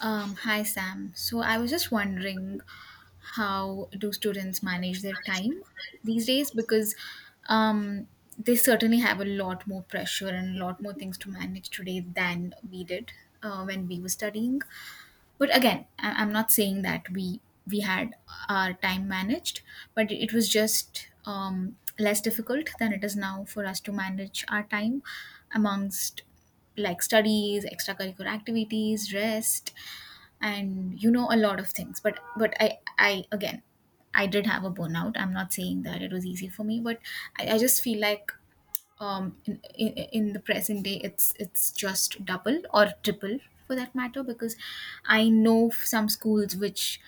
Hi, Sam. So I was just wondering, how do students manage their time these days? Because um, they certainly have a lot more pressure and a lot more things to manage today than we did, when we were studying. But again, I'm not saying that we had our time managed, but it was just less difficult than it is now for us to manage our time amongst, like, studies, extracurricular activities, rest, and, you know, a lot of things. But I again, I did have a burnout. I'm not saying that it was easy for me, but I just feel like in the present day it's just double or triple, for that matter. Because I know some schools which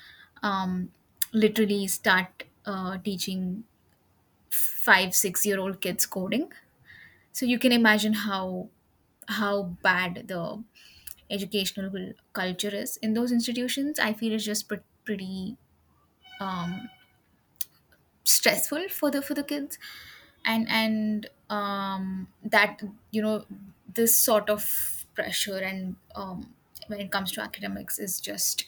um, literally start teaching 5 6 year old kids coding, so you can imagine how bad the culture is in those institutions. I feel it's just pretty um, stressful for the kids. And that, you know, this sort of pressure, and when it comes to academics, is just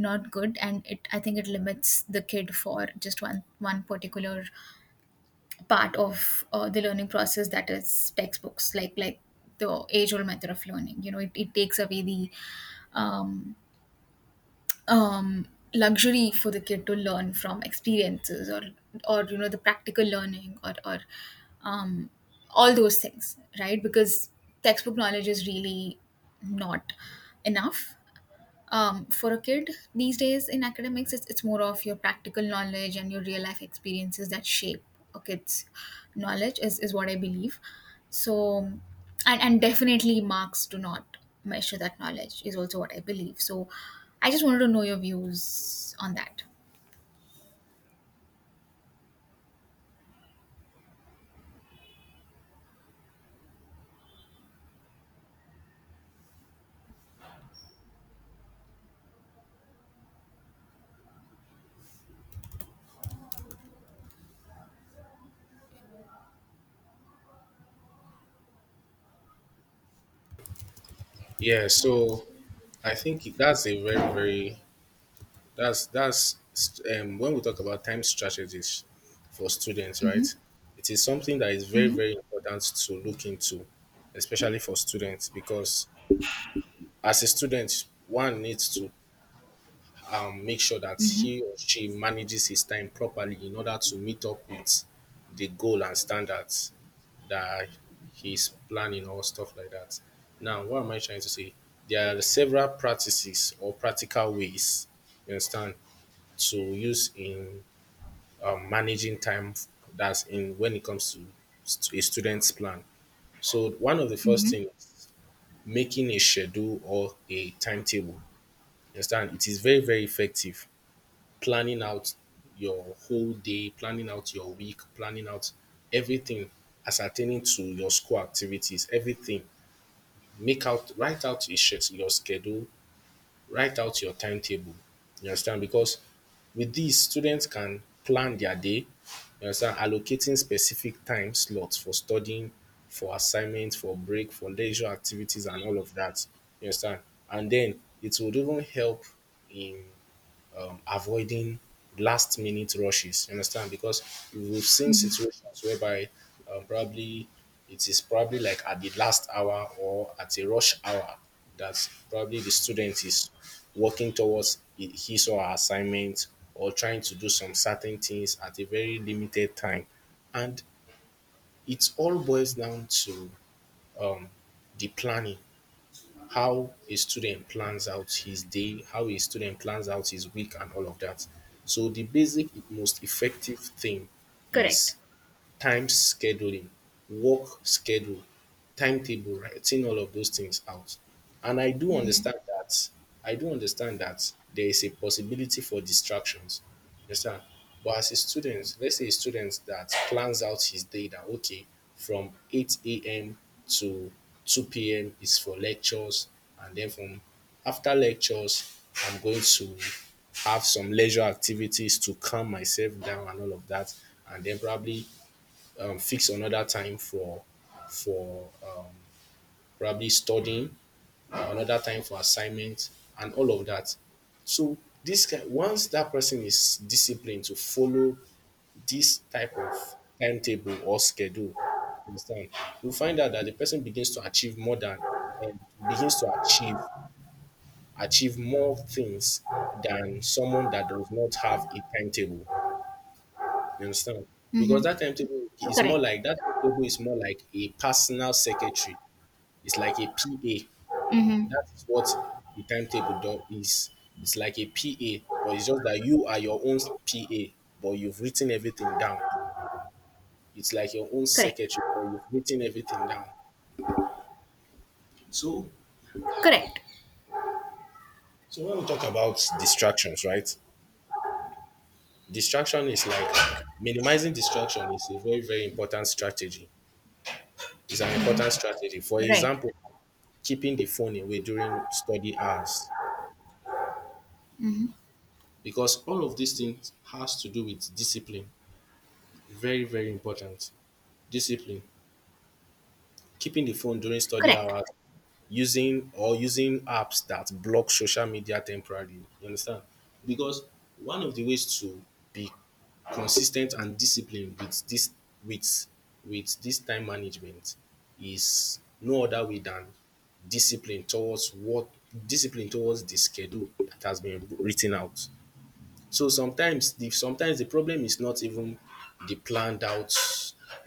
not good. And it I think it limits the kid for just one particular part of the learning process, that is, textbooks, like the age old method of learning. It takes away the um, um, luxury for the kid to learn from experiences, or the practical learning, or um, all those things, right? Because textbook knowledge is really not enough for a kid these days. In academics, it's more of your practical knowledge and your real life experiences that shape a kid's knowledge, is what I believe. So, and definitely, marks do not measure that knowledge, is also what I believe. So I just wanted to know your views on that. Yeah, so I think that's a very, very that's when we talk about time strategies for students, right? It is something that is very, very important to look into, especially for students, because as a student, one needs to make sure that Mm-hmm. he or she manages his time properly in order to meet up with the goal and standards that he's planning or stuff like that. Now, what am I trying to say? There are several practices or practical ways, you understand, to use in managing time that's in when it comes to a student's plan. So, one of the first Mm-hmm. things, making a schedule or a timetable, you understand, it is very, very effective. Planning out your whole day, planning out your week, planning out everything ascertaining to your school activities, everything make out, write out your schedule, write out your timetable. You understand? Because with this, students can plan their day. You understand? Allocating specific time slots for studying, for assignment, for break, for leisure activities and all of that. You understand? And then it would even help in avoiding last minute rushes. You understand? Because we've seen Mm-hmm. situations whereby probably it is probably like at the last hour or at a rush hour that probably the student is working towards his or her assignment or trying to do some certain things at a very limited time. And it all boils down to um, the planning, how a student plans out his day, how a student plans out his week, and all of that. So the basic, most effective thing Correct. is time scheduling, work schedule, timetable, writing all of those things out. And I do understand that. I do understand that there is a possibility for distractions. You understand? But as a student, let's say a student that plans out his day that okay, from 8 a.m. to 2 p.m. is for lectures, and then from after lectures, I'm going to have some leisure activities to calm myself down and all of that. And then probably fix another time for for um, probably studying, another time for assignment, and all of that. So once that person is disciplined to follow this type of timetable or schedule, you understand, you find out that the person begins to achieve more than um, begins to achieve achieve more things than someone that does not have a timetable. You understand? Because Mm-hmm. Correct. That timetable is more like a personal secretary. It's like a PA. Mm-hmm. That is what the timetable is. It's like a PA, but it's just that you are your own PA, but you've written everything down. It's like your own Correct. secretary, but you've written everything down. So, Correct. so when we talk about distractions, right? Distraction is like Minimizing distraction is a very, very important strategy. It's an Mm-hmm. important strategy. For Right. example, keeping the phone away during study hours, Mm-hmm. because all of these things has to do with discipline, very very important, discipline, keeping the phone during study Correct. hours, using apps that block social media temporarily, you understand. Because one of the ways to be consistent and disciplined with this, with with this time management, is no other way than discipline towards what, discipline towards the schedule that has been written out. So sometimes the problem is not even the planned out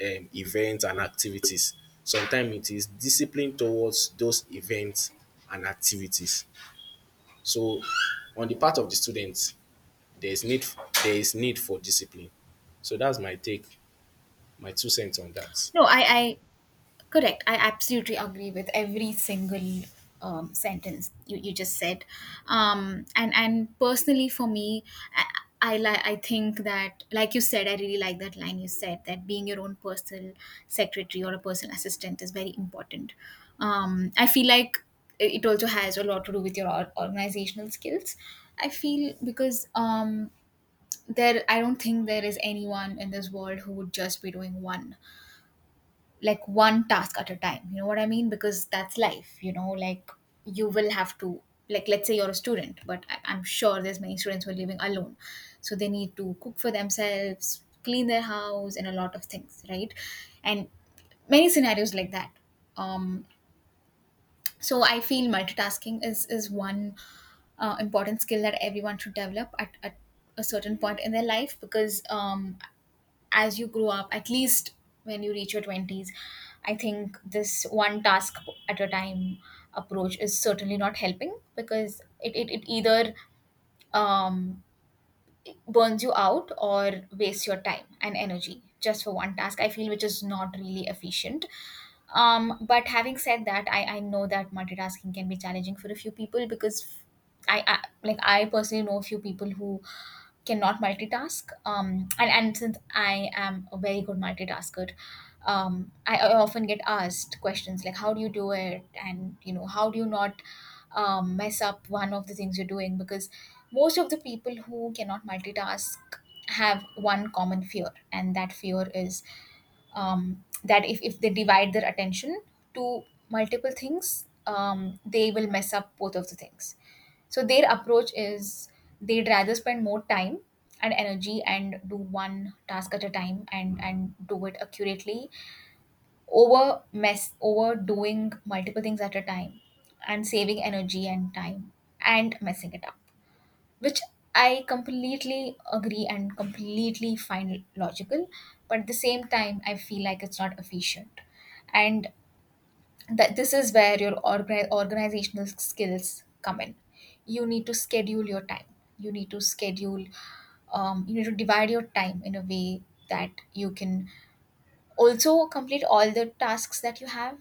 events and activities. Sometimes it is discipline towards those events and activities. So on the part of the students, there is need there is need for discipline. So that's my take, my two cents on that. No i i Correct. I absolutely agree with every single sentence you just said. And personally for me, I, I think that, like you said, I really like that line you said, that being your own personal secretary or a personal assistant is very important. I feel like it also has a lot to do with your organizational skills. I feel, because there I don't think there is anyone in this world who would just be doing one like one task at a time, you know what I mean, because that's life. Like, you will have to, like, let's say you're a student, but I'm sure there's many students who are living alone, so they need to cook for themselves, clean their house, and a lot of things, right? And many scenarios like that. um so I feel multitasking is one important skill that everyone should develop at a certain point in their life, because as you grow up, at least when you reach your 20s, I think this one task at a time approach is certainly not helping, because it either um, burns you out or wastes your time and energy just for one task, I feel, which is not really efficient. But having said that, I know that multitasking can be challenging for a few people, because I personally know a few people who cannot multitask. And since I am a very good multitasker, I often get asked questions like, how do you do it? And, you know, how do you not mess up one of the things you're doing? Because most of the people who cannot multitask have one common fear, and that fear is that if they divide their attention to multiple things, they will mess up both of the things. So their approach is, they'd rather spend more time and energy and do one task at a time, and do it accurately, over mess over doing multiple things at a time and saving energy and time and messing it up, which I completely agree and completely find logical. But at the same time, I feel like it's not efficient. And that this is where your organizational skills come in. You need to schedule your time. You need to schedule. You need to divide your time in a way that you can also complete all the tasks that you have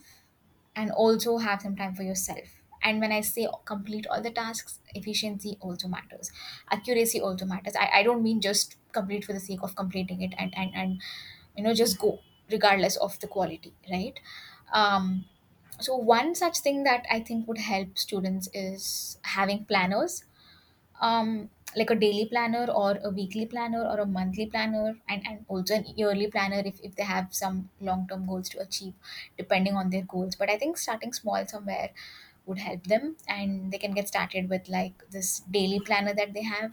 and also have some time for yourself. And when I say complete all the tasks, efficiency also matters. Accuracy also matters. I don't mean just complete for the sake of completing it, and just go, regardless of the quality, right? Um, so one such thing that I think would help students is having planners, um like a daily planner or a weekly planner or a monthly planner, and also an yearly planner, if they have some long-term goals to achieve, depending on their goals. But I think starting small somewhere would help them, and they can get started with, like, this daily planner that they have.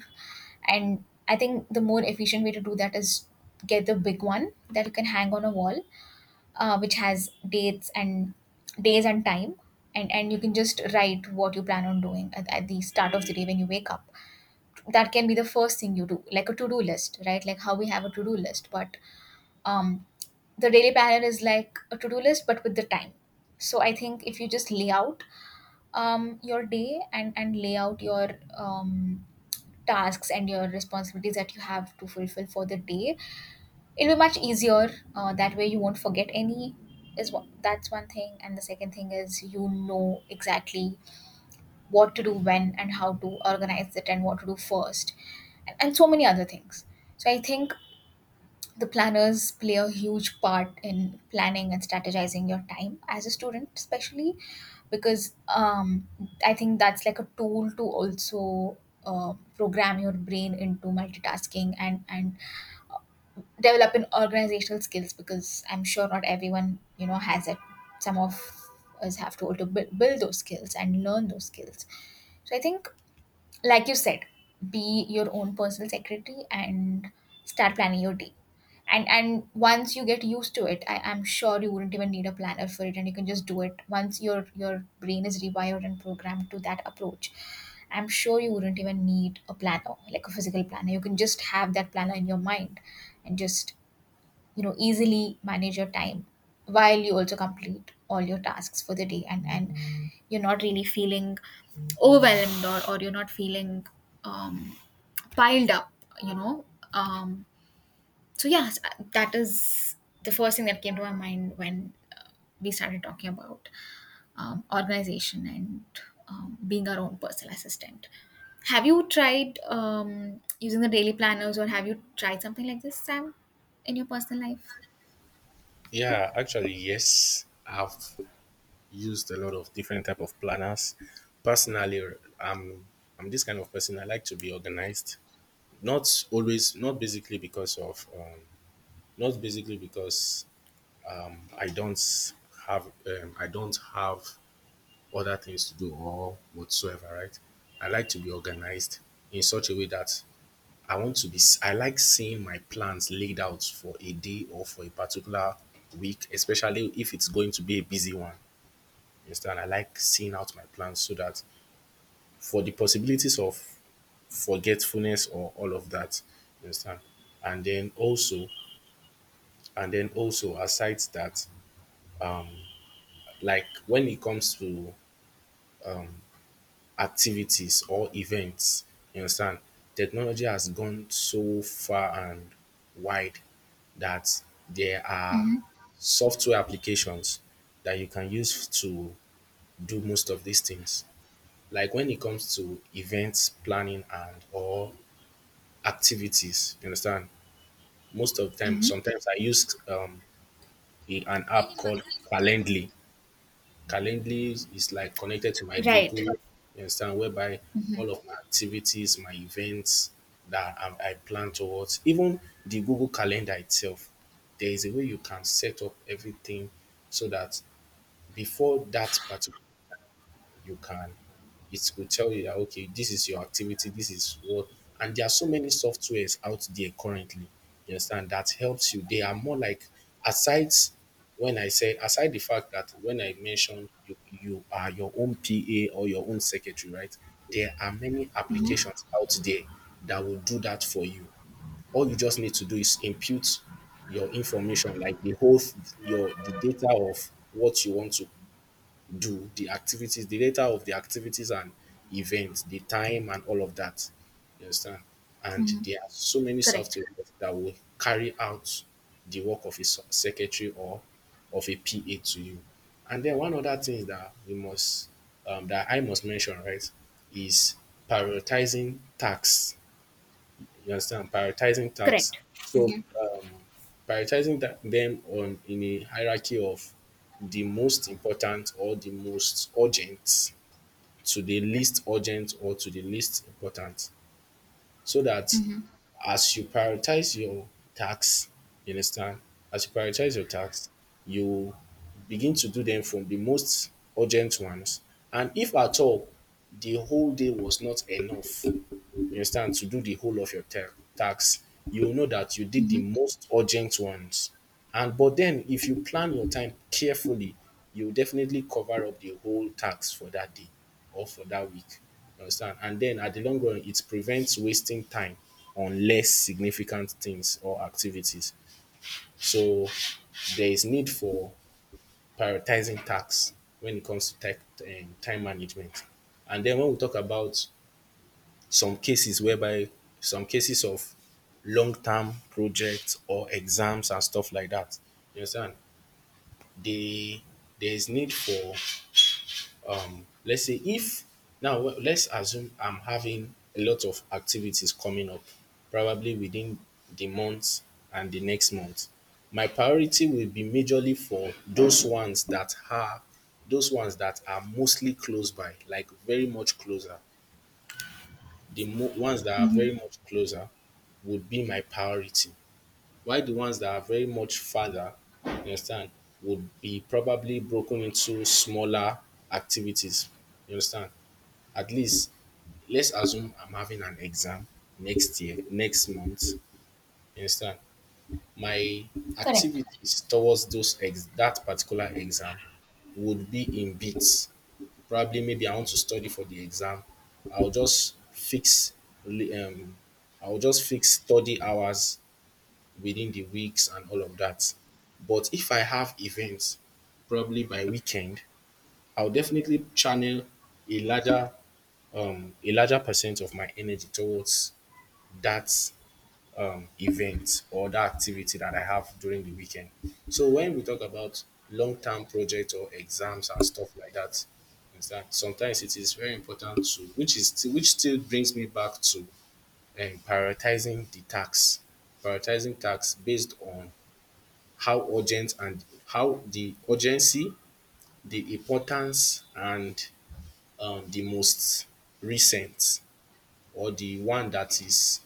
And I think the more efficient way to do that is, get the big one that you can hang on a wall, which has dates and days and time. And you can just write what you plan on doing at the start of the day when you wake up. That can be the first thing you do, like a to-do list, right? Like how we have a to-do list, but um the daily planner is like a to-do list but with the time. So I think if you just lay out your day, and lay out your um tasks and your responsibilities that you have to fulfill for the day, it'll be much easier. That way you won't forget any. Is what, that's one thing. And the second thing is, you know exactly what to do when, and how to organize it, and what to do first, and so many other things. So I think the planners play a huge part in planning and strategizing your time as a student, especially because I think that's like a tool to also program your brain into multitasking, and develop in organizational skills, because I'm sure not everyone, has it. Some of us have to also build those skills and learn those skills. So I think, like you said, be your own personal secretary and start planning your day. And once you get used to it, I'm sure you wouldn't even need a planner for it, and you can just do it once your brain is rewired and programmed to that approach. I'm sure you wouldn't even need a planner, like a physical planner. You can just have that planner in your mind, and just, you know, easily manage your time while you also complete all your tasks for the day. And you're not really feeling overwhelmed, or you're not feeling um piled up you know um so yeah, that is the first thing that came to my mind when we started talking about organization, and being our own personal assistant. Have you tried using the daily planners, or have you tried something like this, Sam, in your personal life? Yeah, actually, yes, I've used a lot of different type of planners. Personally, I'm I'm this kind of person. I like to be organized. Not always, not basically because of not basically because I don't have I don't have other things to do or whatsoever, right? I like to be organized in such a way that I want to I like seeing my plans laid out for a day or for a particular week, especially if it's going to be a busy one. You understand? I like seeing out my plans so that for the possibilities of forgetfulness or all of that. You understand? and then also And then also, aside that, like when it comes to activities or events, you understand, technology has gone so far and wide that there are Mhm. software applications that you can use to do most of these things. Like when it comes to events planning and or activities, you understand, most of the time, Mm-hmm. sometimes I use an app called Calendly. Calendly is like connected to my Google, Right. you understand, whereby Mm-hmm. all of my activities, my events that I plan towards, even the Google Calendar itself, there is a way you can set up everything so that before that particular, you can, it will tell you that okay this is your activity, this is what. And there are so many softwares out there currently, you understand, that helps you. They are more like, aside, when I said aside the fact that when I mentioned, you are your own PA or your own secretary, right? There are many Mm-hmm. applications out there that will do that for you. All you just need to do is input your information, like the whole, your the data of what you want to do, the activities, the data of the activities and events, the time and all of that. You understand? And Mm-hmm. there are so many Correct. software that will carry out the work of a secretary or of a PA to you. And then one other thing that we must that I must mention, right, is prioritizing tasks, you understand? Prioritizing tasks. Correct. So Mm-hmm. Prioritizing that, them on in a hierarchy of the most important or the most urgent to the least urgent or to the least important, so that Mm-hmm. as you prioritize your tasks, you understand? As you prioritize your tasks, you begin to do them from the most urgent ones. And if at all the whole day was not enough, you understand, to do the whole of your tax, you will know that you did the Mm-hmm. most urgent ones. And but then if you plan your time carefully, you will definitely cover up the whole tax for that day or for that week. You understand? And then at the long run, it prevents wasting time on less significant things or activities. So there is need for prioritizing tax when it comes to tech, time management. And then when we talk about some cases whereby some cases of long term projects or exams and stuff like that. You understand? They there is need for let's say if now let's assume I'm having a lot of activities coming up, probably within the month and the next month. My priority will be majorly for those ones that are mostly close by, like very much closer. The ones that are very Mm-hmm. much closer would be my priority, while the ones that are very much farther, you understand, would be probably broken into smaller activities. You understand? At least let's assume I'm having an exam next year, next month. You understand? My Correct. activities towards that particular exam would be in bits. Probably maybe I want to study for the exam. I'll just fix li- um, I'll just fix study hours within the weeks and all of that. But if I have events, probably by weekend, I'll definitely channel a larger a larger percent of my energy towards that event or that activity that I have during the weekend. So when we talk about long-term projects or exams and stuff like that, understand, sometimes it is very important to, which is still, which still brings me back to prioritizing the tasks, prioritizing tasks based on how urgent and how the urgency, the importance, and the most recent or the one that is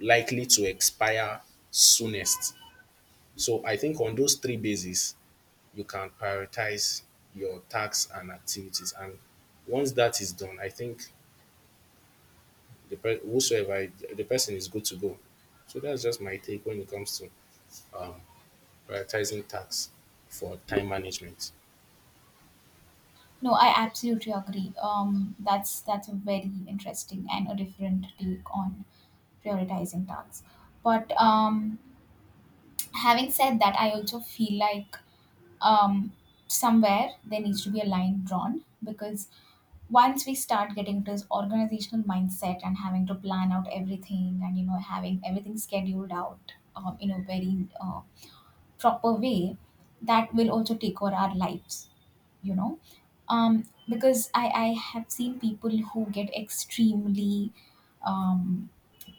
likely to expire soonest. So I think on those three bases, you can prioritize your tasks and activities. And once that is done, I think whosoever the person is good to go. So that's just my take when it comes to prioritizing tasks for time management. No, I absolutely agree. That's a very interesting and a different take on prioritizing tasks. But having said that, I also feel like um, somewhere there needs to be a line drawn. Because once we start getting into this organizational mindset, and having to plan out everything, and, you know, having everything scheduled out in a very proper way, that will also take over our lives, you know, um, because I have seen people who get extremely um,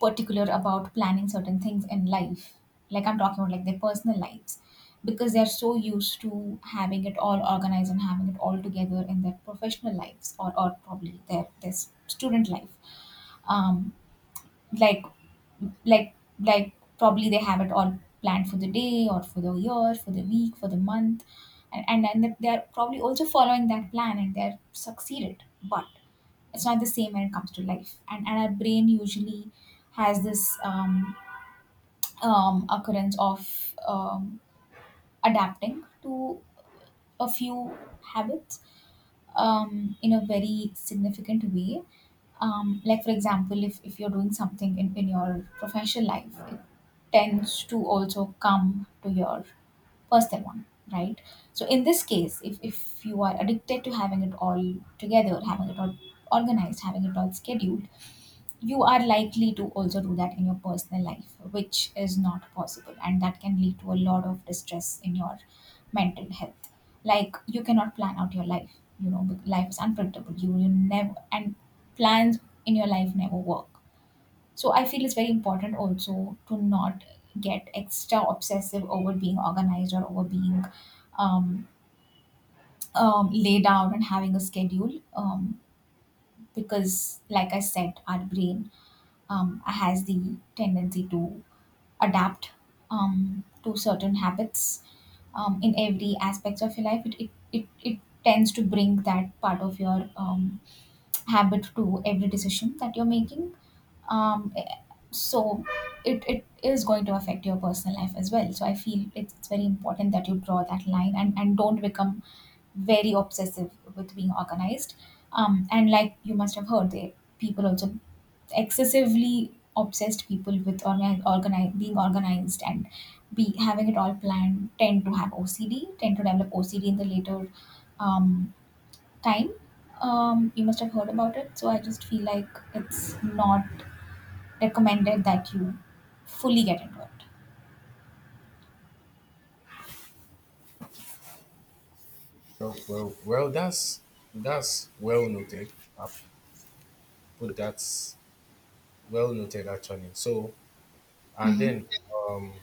particular about planning certain things in life, like I'm talking about, like, their personal lives, because they're so used to having it all organized and having it all together in their professional lives, or probably their student life. Um, like like like probably they have it all planned for the day or for the year, for the week, for the month. And that they are probably also following that plan and they're succeeded, but it's not the same when it comes to life. And our brain usually has this occurrence of adapting to a few habits in a very significant way. Like, for example, if you're doing something in your professional life, tends to also come to your personal one, right? So in this case, if you are addicted to having it all together, having it all organized, having it all scheduled, you are likely to also do that in your personal life, which is not possible. And that can lead to a lot of distress in your mental health. Like you cannot plan out your life, life is unpredictable. You will never, and plans in your life never work, so I feel it's very important also to not get extra obsessive over being organized or over being um, laid out and having a schedule, because, like I said, our brain has the tendency to adapt to certain habits in every aspects of your life. It tends to bring that part of your habit to every decision that you're making, um, eh, so it is going to affect your personal life as well, so I feel it's very important that you draw that line and don't become very obsessive with being organized, and like you must have heard they people also, excessively obsessed people with being organized and be having it all planned tend to have OCD, tend to develop OCD in the later um, time, you must have heard about it, so I just feel like it's not recommended that you fully get into it. Well, that's well noted. I've put that well noted actually. So, and Mm-hmm. then um,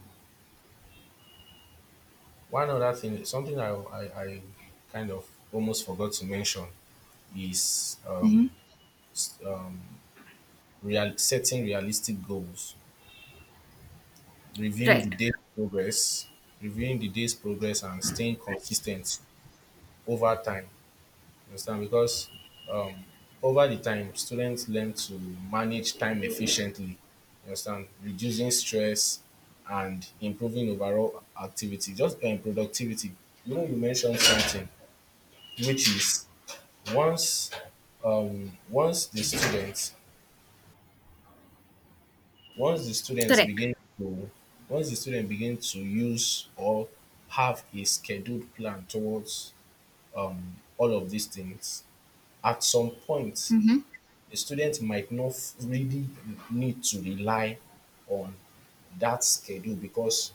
one other thing, something I kind of almost forgot to mention is Mm-hmm. um, setting realistic goals, reviewing the Right. day's progress, reviewing the day's progress, and staying consistent over time. You understand? Because um, over the time, students learn to manage time efficiently. You understand? Reducing stress and improving overall activity, just productivity. You know, you mentioned something, which is once um, once the students Once the students Correct. begin to once the student begin to use or have a scheduled plan towards all of these things, at some point Mm-hmm. a student might not really need to rely on that schedule because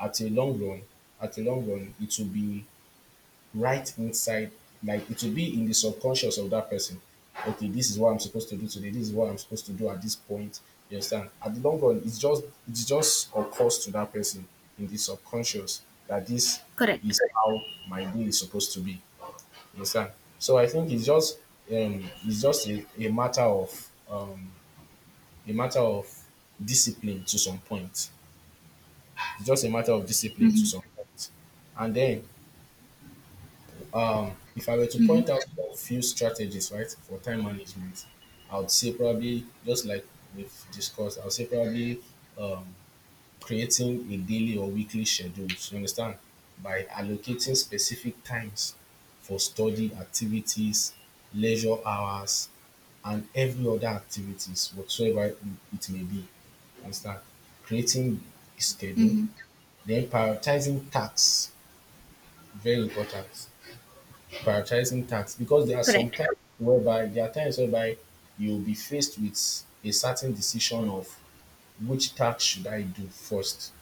at a long run, at a long run, it will be right inside, like it will be in the subconscious of that person. Okay, this is what I'm supposed to do today. This is what I'm supposed to do at this point. You understand? At the long run, it's just occurs to that person in the subconscious that this Correct. is how my day is supposed to be. You understand? So I think it's just a matter of a matter of discipline to some point. It's just a matter of discipline to Mm-hmm. some point. And then if I were to point Mm-hmm. out a few strategies, right, for time management, I would say probably just like we've discussed, I would say probably um, creating a daily or weekly schedules. You understand? By allocating specific times for study activities, leisure hours, and every other activities whatsoever it may be. You understand? Creating a schedule, Mm-hmm. then prioritizing tasks, very important prioritizing tasks because Correct. There are times whereby you'll be faced with a certain decision of which task should I do first.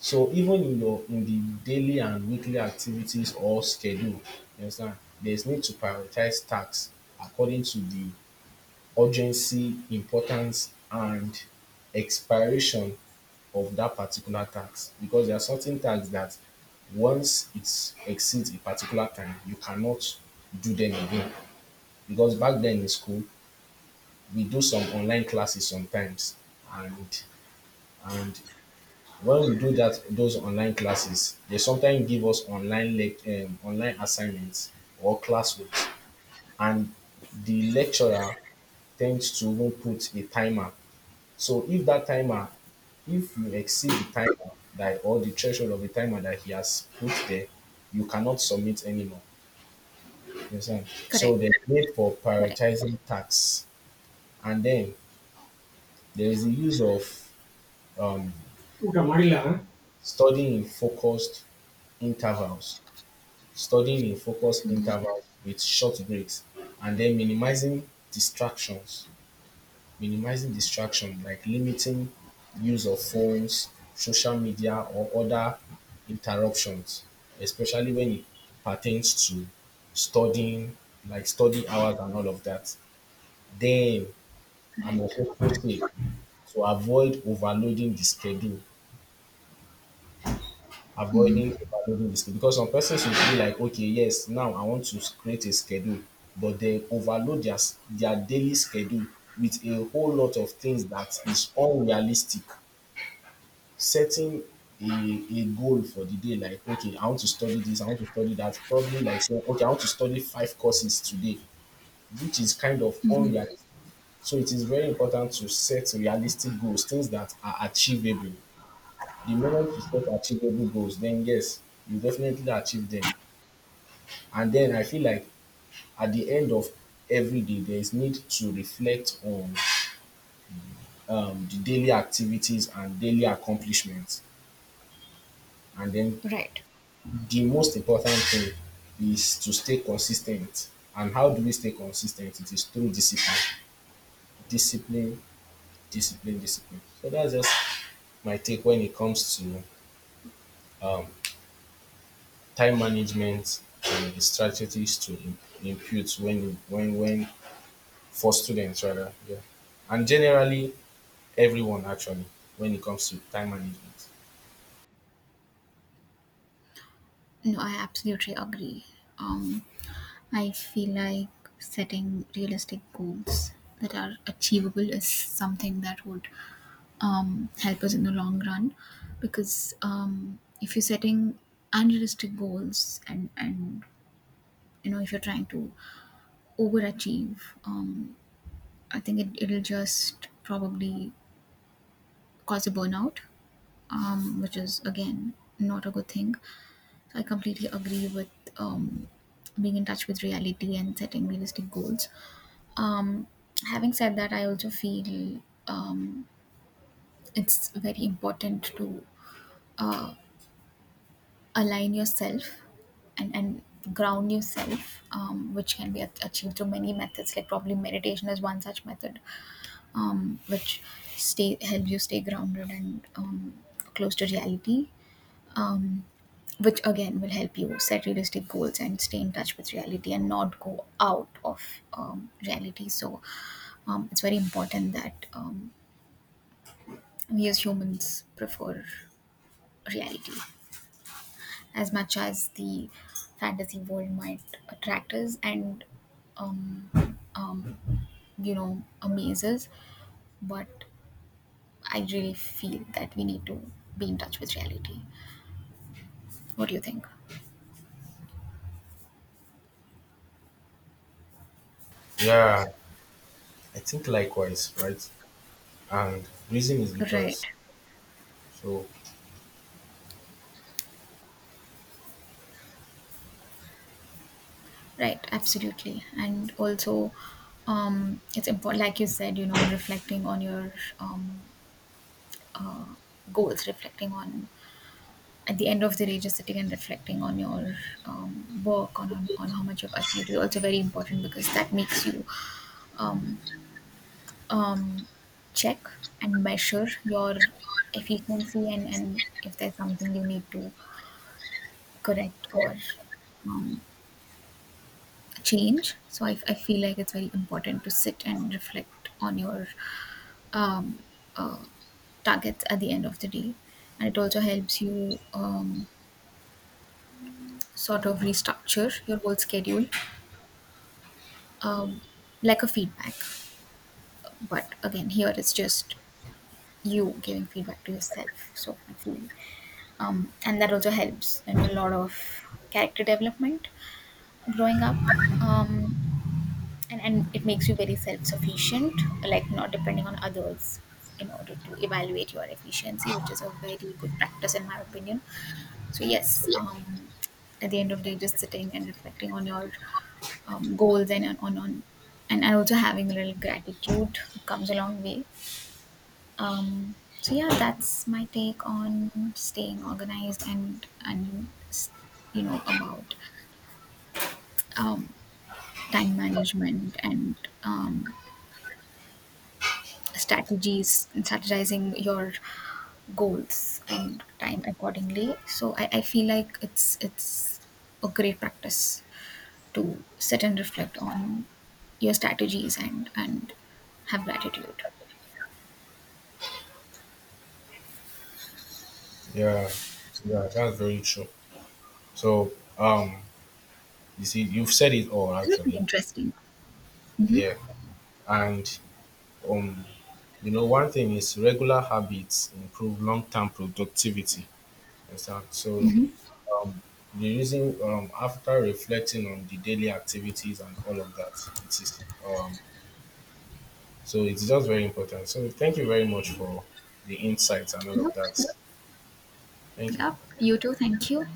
So even in your in the daily and weekly activities or schedule, you understand, there's need to prioritize tasks according to the urgency, importance, and expiration of that particular tax because there are certain tax that once it exceeds a particular time, you cannot do them again. Because back then in school, we do some online classes sometimes, and and when we do that those online classes, they sometimes give us online assignments or classwork, and the lecturer tends to even put a timer. So if that timer, if you exceed the timer that or the threshold of the timer that he has put there, you cannot submit anymore. You understand? So Correct. there's need for Correct. prioritizing tasks, and then there is the use of um, ಊಟ ಮಾಡಿಲ್ಲ studying in focused intervals, studying in focused intervals with short breaks, and then minimizing distractions. Minimizing distraction like limiting use of phones, social media, or other interruptions, especially when it pertains to studying, like study hours and all of that. Then I'm Correct. also say to avoid overloading the schedule, avoiding overloading the schedule. Because some persons will be like, okay, yes, now I want to create a schedule, but they overload their daily schedule with a whole lot of things that is unrealistic, setting a, a goal for the day, like, okay, I want to study this, I want to study that. Probably like saying, okay, I want to study five courses today, which is kind of unrealistic. So it is very important to set realistic goals, things that are achievable. The moment you set achievable goals, then yes, you definitely achieve them. And then I feel like at the end of every day, there is need to reflect on the daily activities and daily accomplishments, and then Right. the most important thing is to stay consistent. And how do we stay consistent? It is through discipline. Discipline, discipline, discipline. So that's just my take when it comes to time management and the strategies to impute when for students rather. Yeah. And generally everyone actually when it comes to time management. No, I absolutely agree. Um, I feel like setting realistic goals that are achievable is something that would um, help us in the long run, because um, if you're setting unrealistic goals and if you're trying to overachieve, um, I think it'll just probably cause a burnout, which is again not a good thing, so I completely agree with um, being in touch with reality and setting realistic goals. Um, having said that, I also feel um, it's very important to uh, align yourself and ground yourself, which can be achieved through many methods, like probably meditation is one such method, which stay help you stay grounded and close to reality, um, which again will help you set realistic goals and stay in touch with reality and not go out of reality. So it's very important that we as humans prefer reality, as much as the fantasy world might attract us and um, um, amazes, but I really feel that we need to be in touch with reality. What do you think? Yeah, I think likewise, right? And reason is Right, because so right, absolutely. And also, it's important, like you said, reflecting on your um, goals, reflecting on, at the end of the day, just sitting and reflecting on your work, on how much you've achieved is also very important, because that makes you um, um, check and measure your efficiency, and if there's something you need to correct or um, change. So I feel like it's very important to sit and reflect on your um, uh, targets at the end of the day. And it also helps you sort of restructure your whole schedule, um, like a feedback. But again, here it's just you giving feedback to yourself. So I feel, and that also helps in a lot of character development growing up. Um, and it makes you very self-sufficient, like not depending on others in order to evaluate your efficiency, which is a very good practice in my opinion. So yes, at the end of the day, just sitting and reflecting on your goals, and on and also having a little gratitude comes a long way, um, so yeah, that's my take on staying organized and about um, time management and um, strategies strategizing your goals and time accordingly, so I feel like it's a great practice to sit and reflect on your strategies and have gratitude. yeah, yeah, that's very true. So um, you see, you've said it all This is really actually. interesting. Mm-hmm. Yeah, and um, you know, one thing is regular habits improve long-term productivity. Understand? So um, the reason after reflecting on the daily activities and all of that, it is so it's just very important. So thank you very much for the insights and all of Yep. that. Thank you. Yep, you too. Thank you.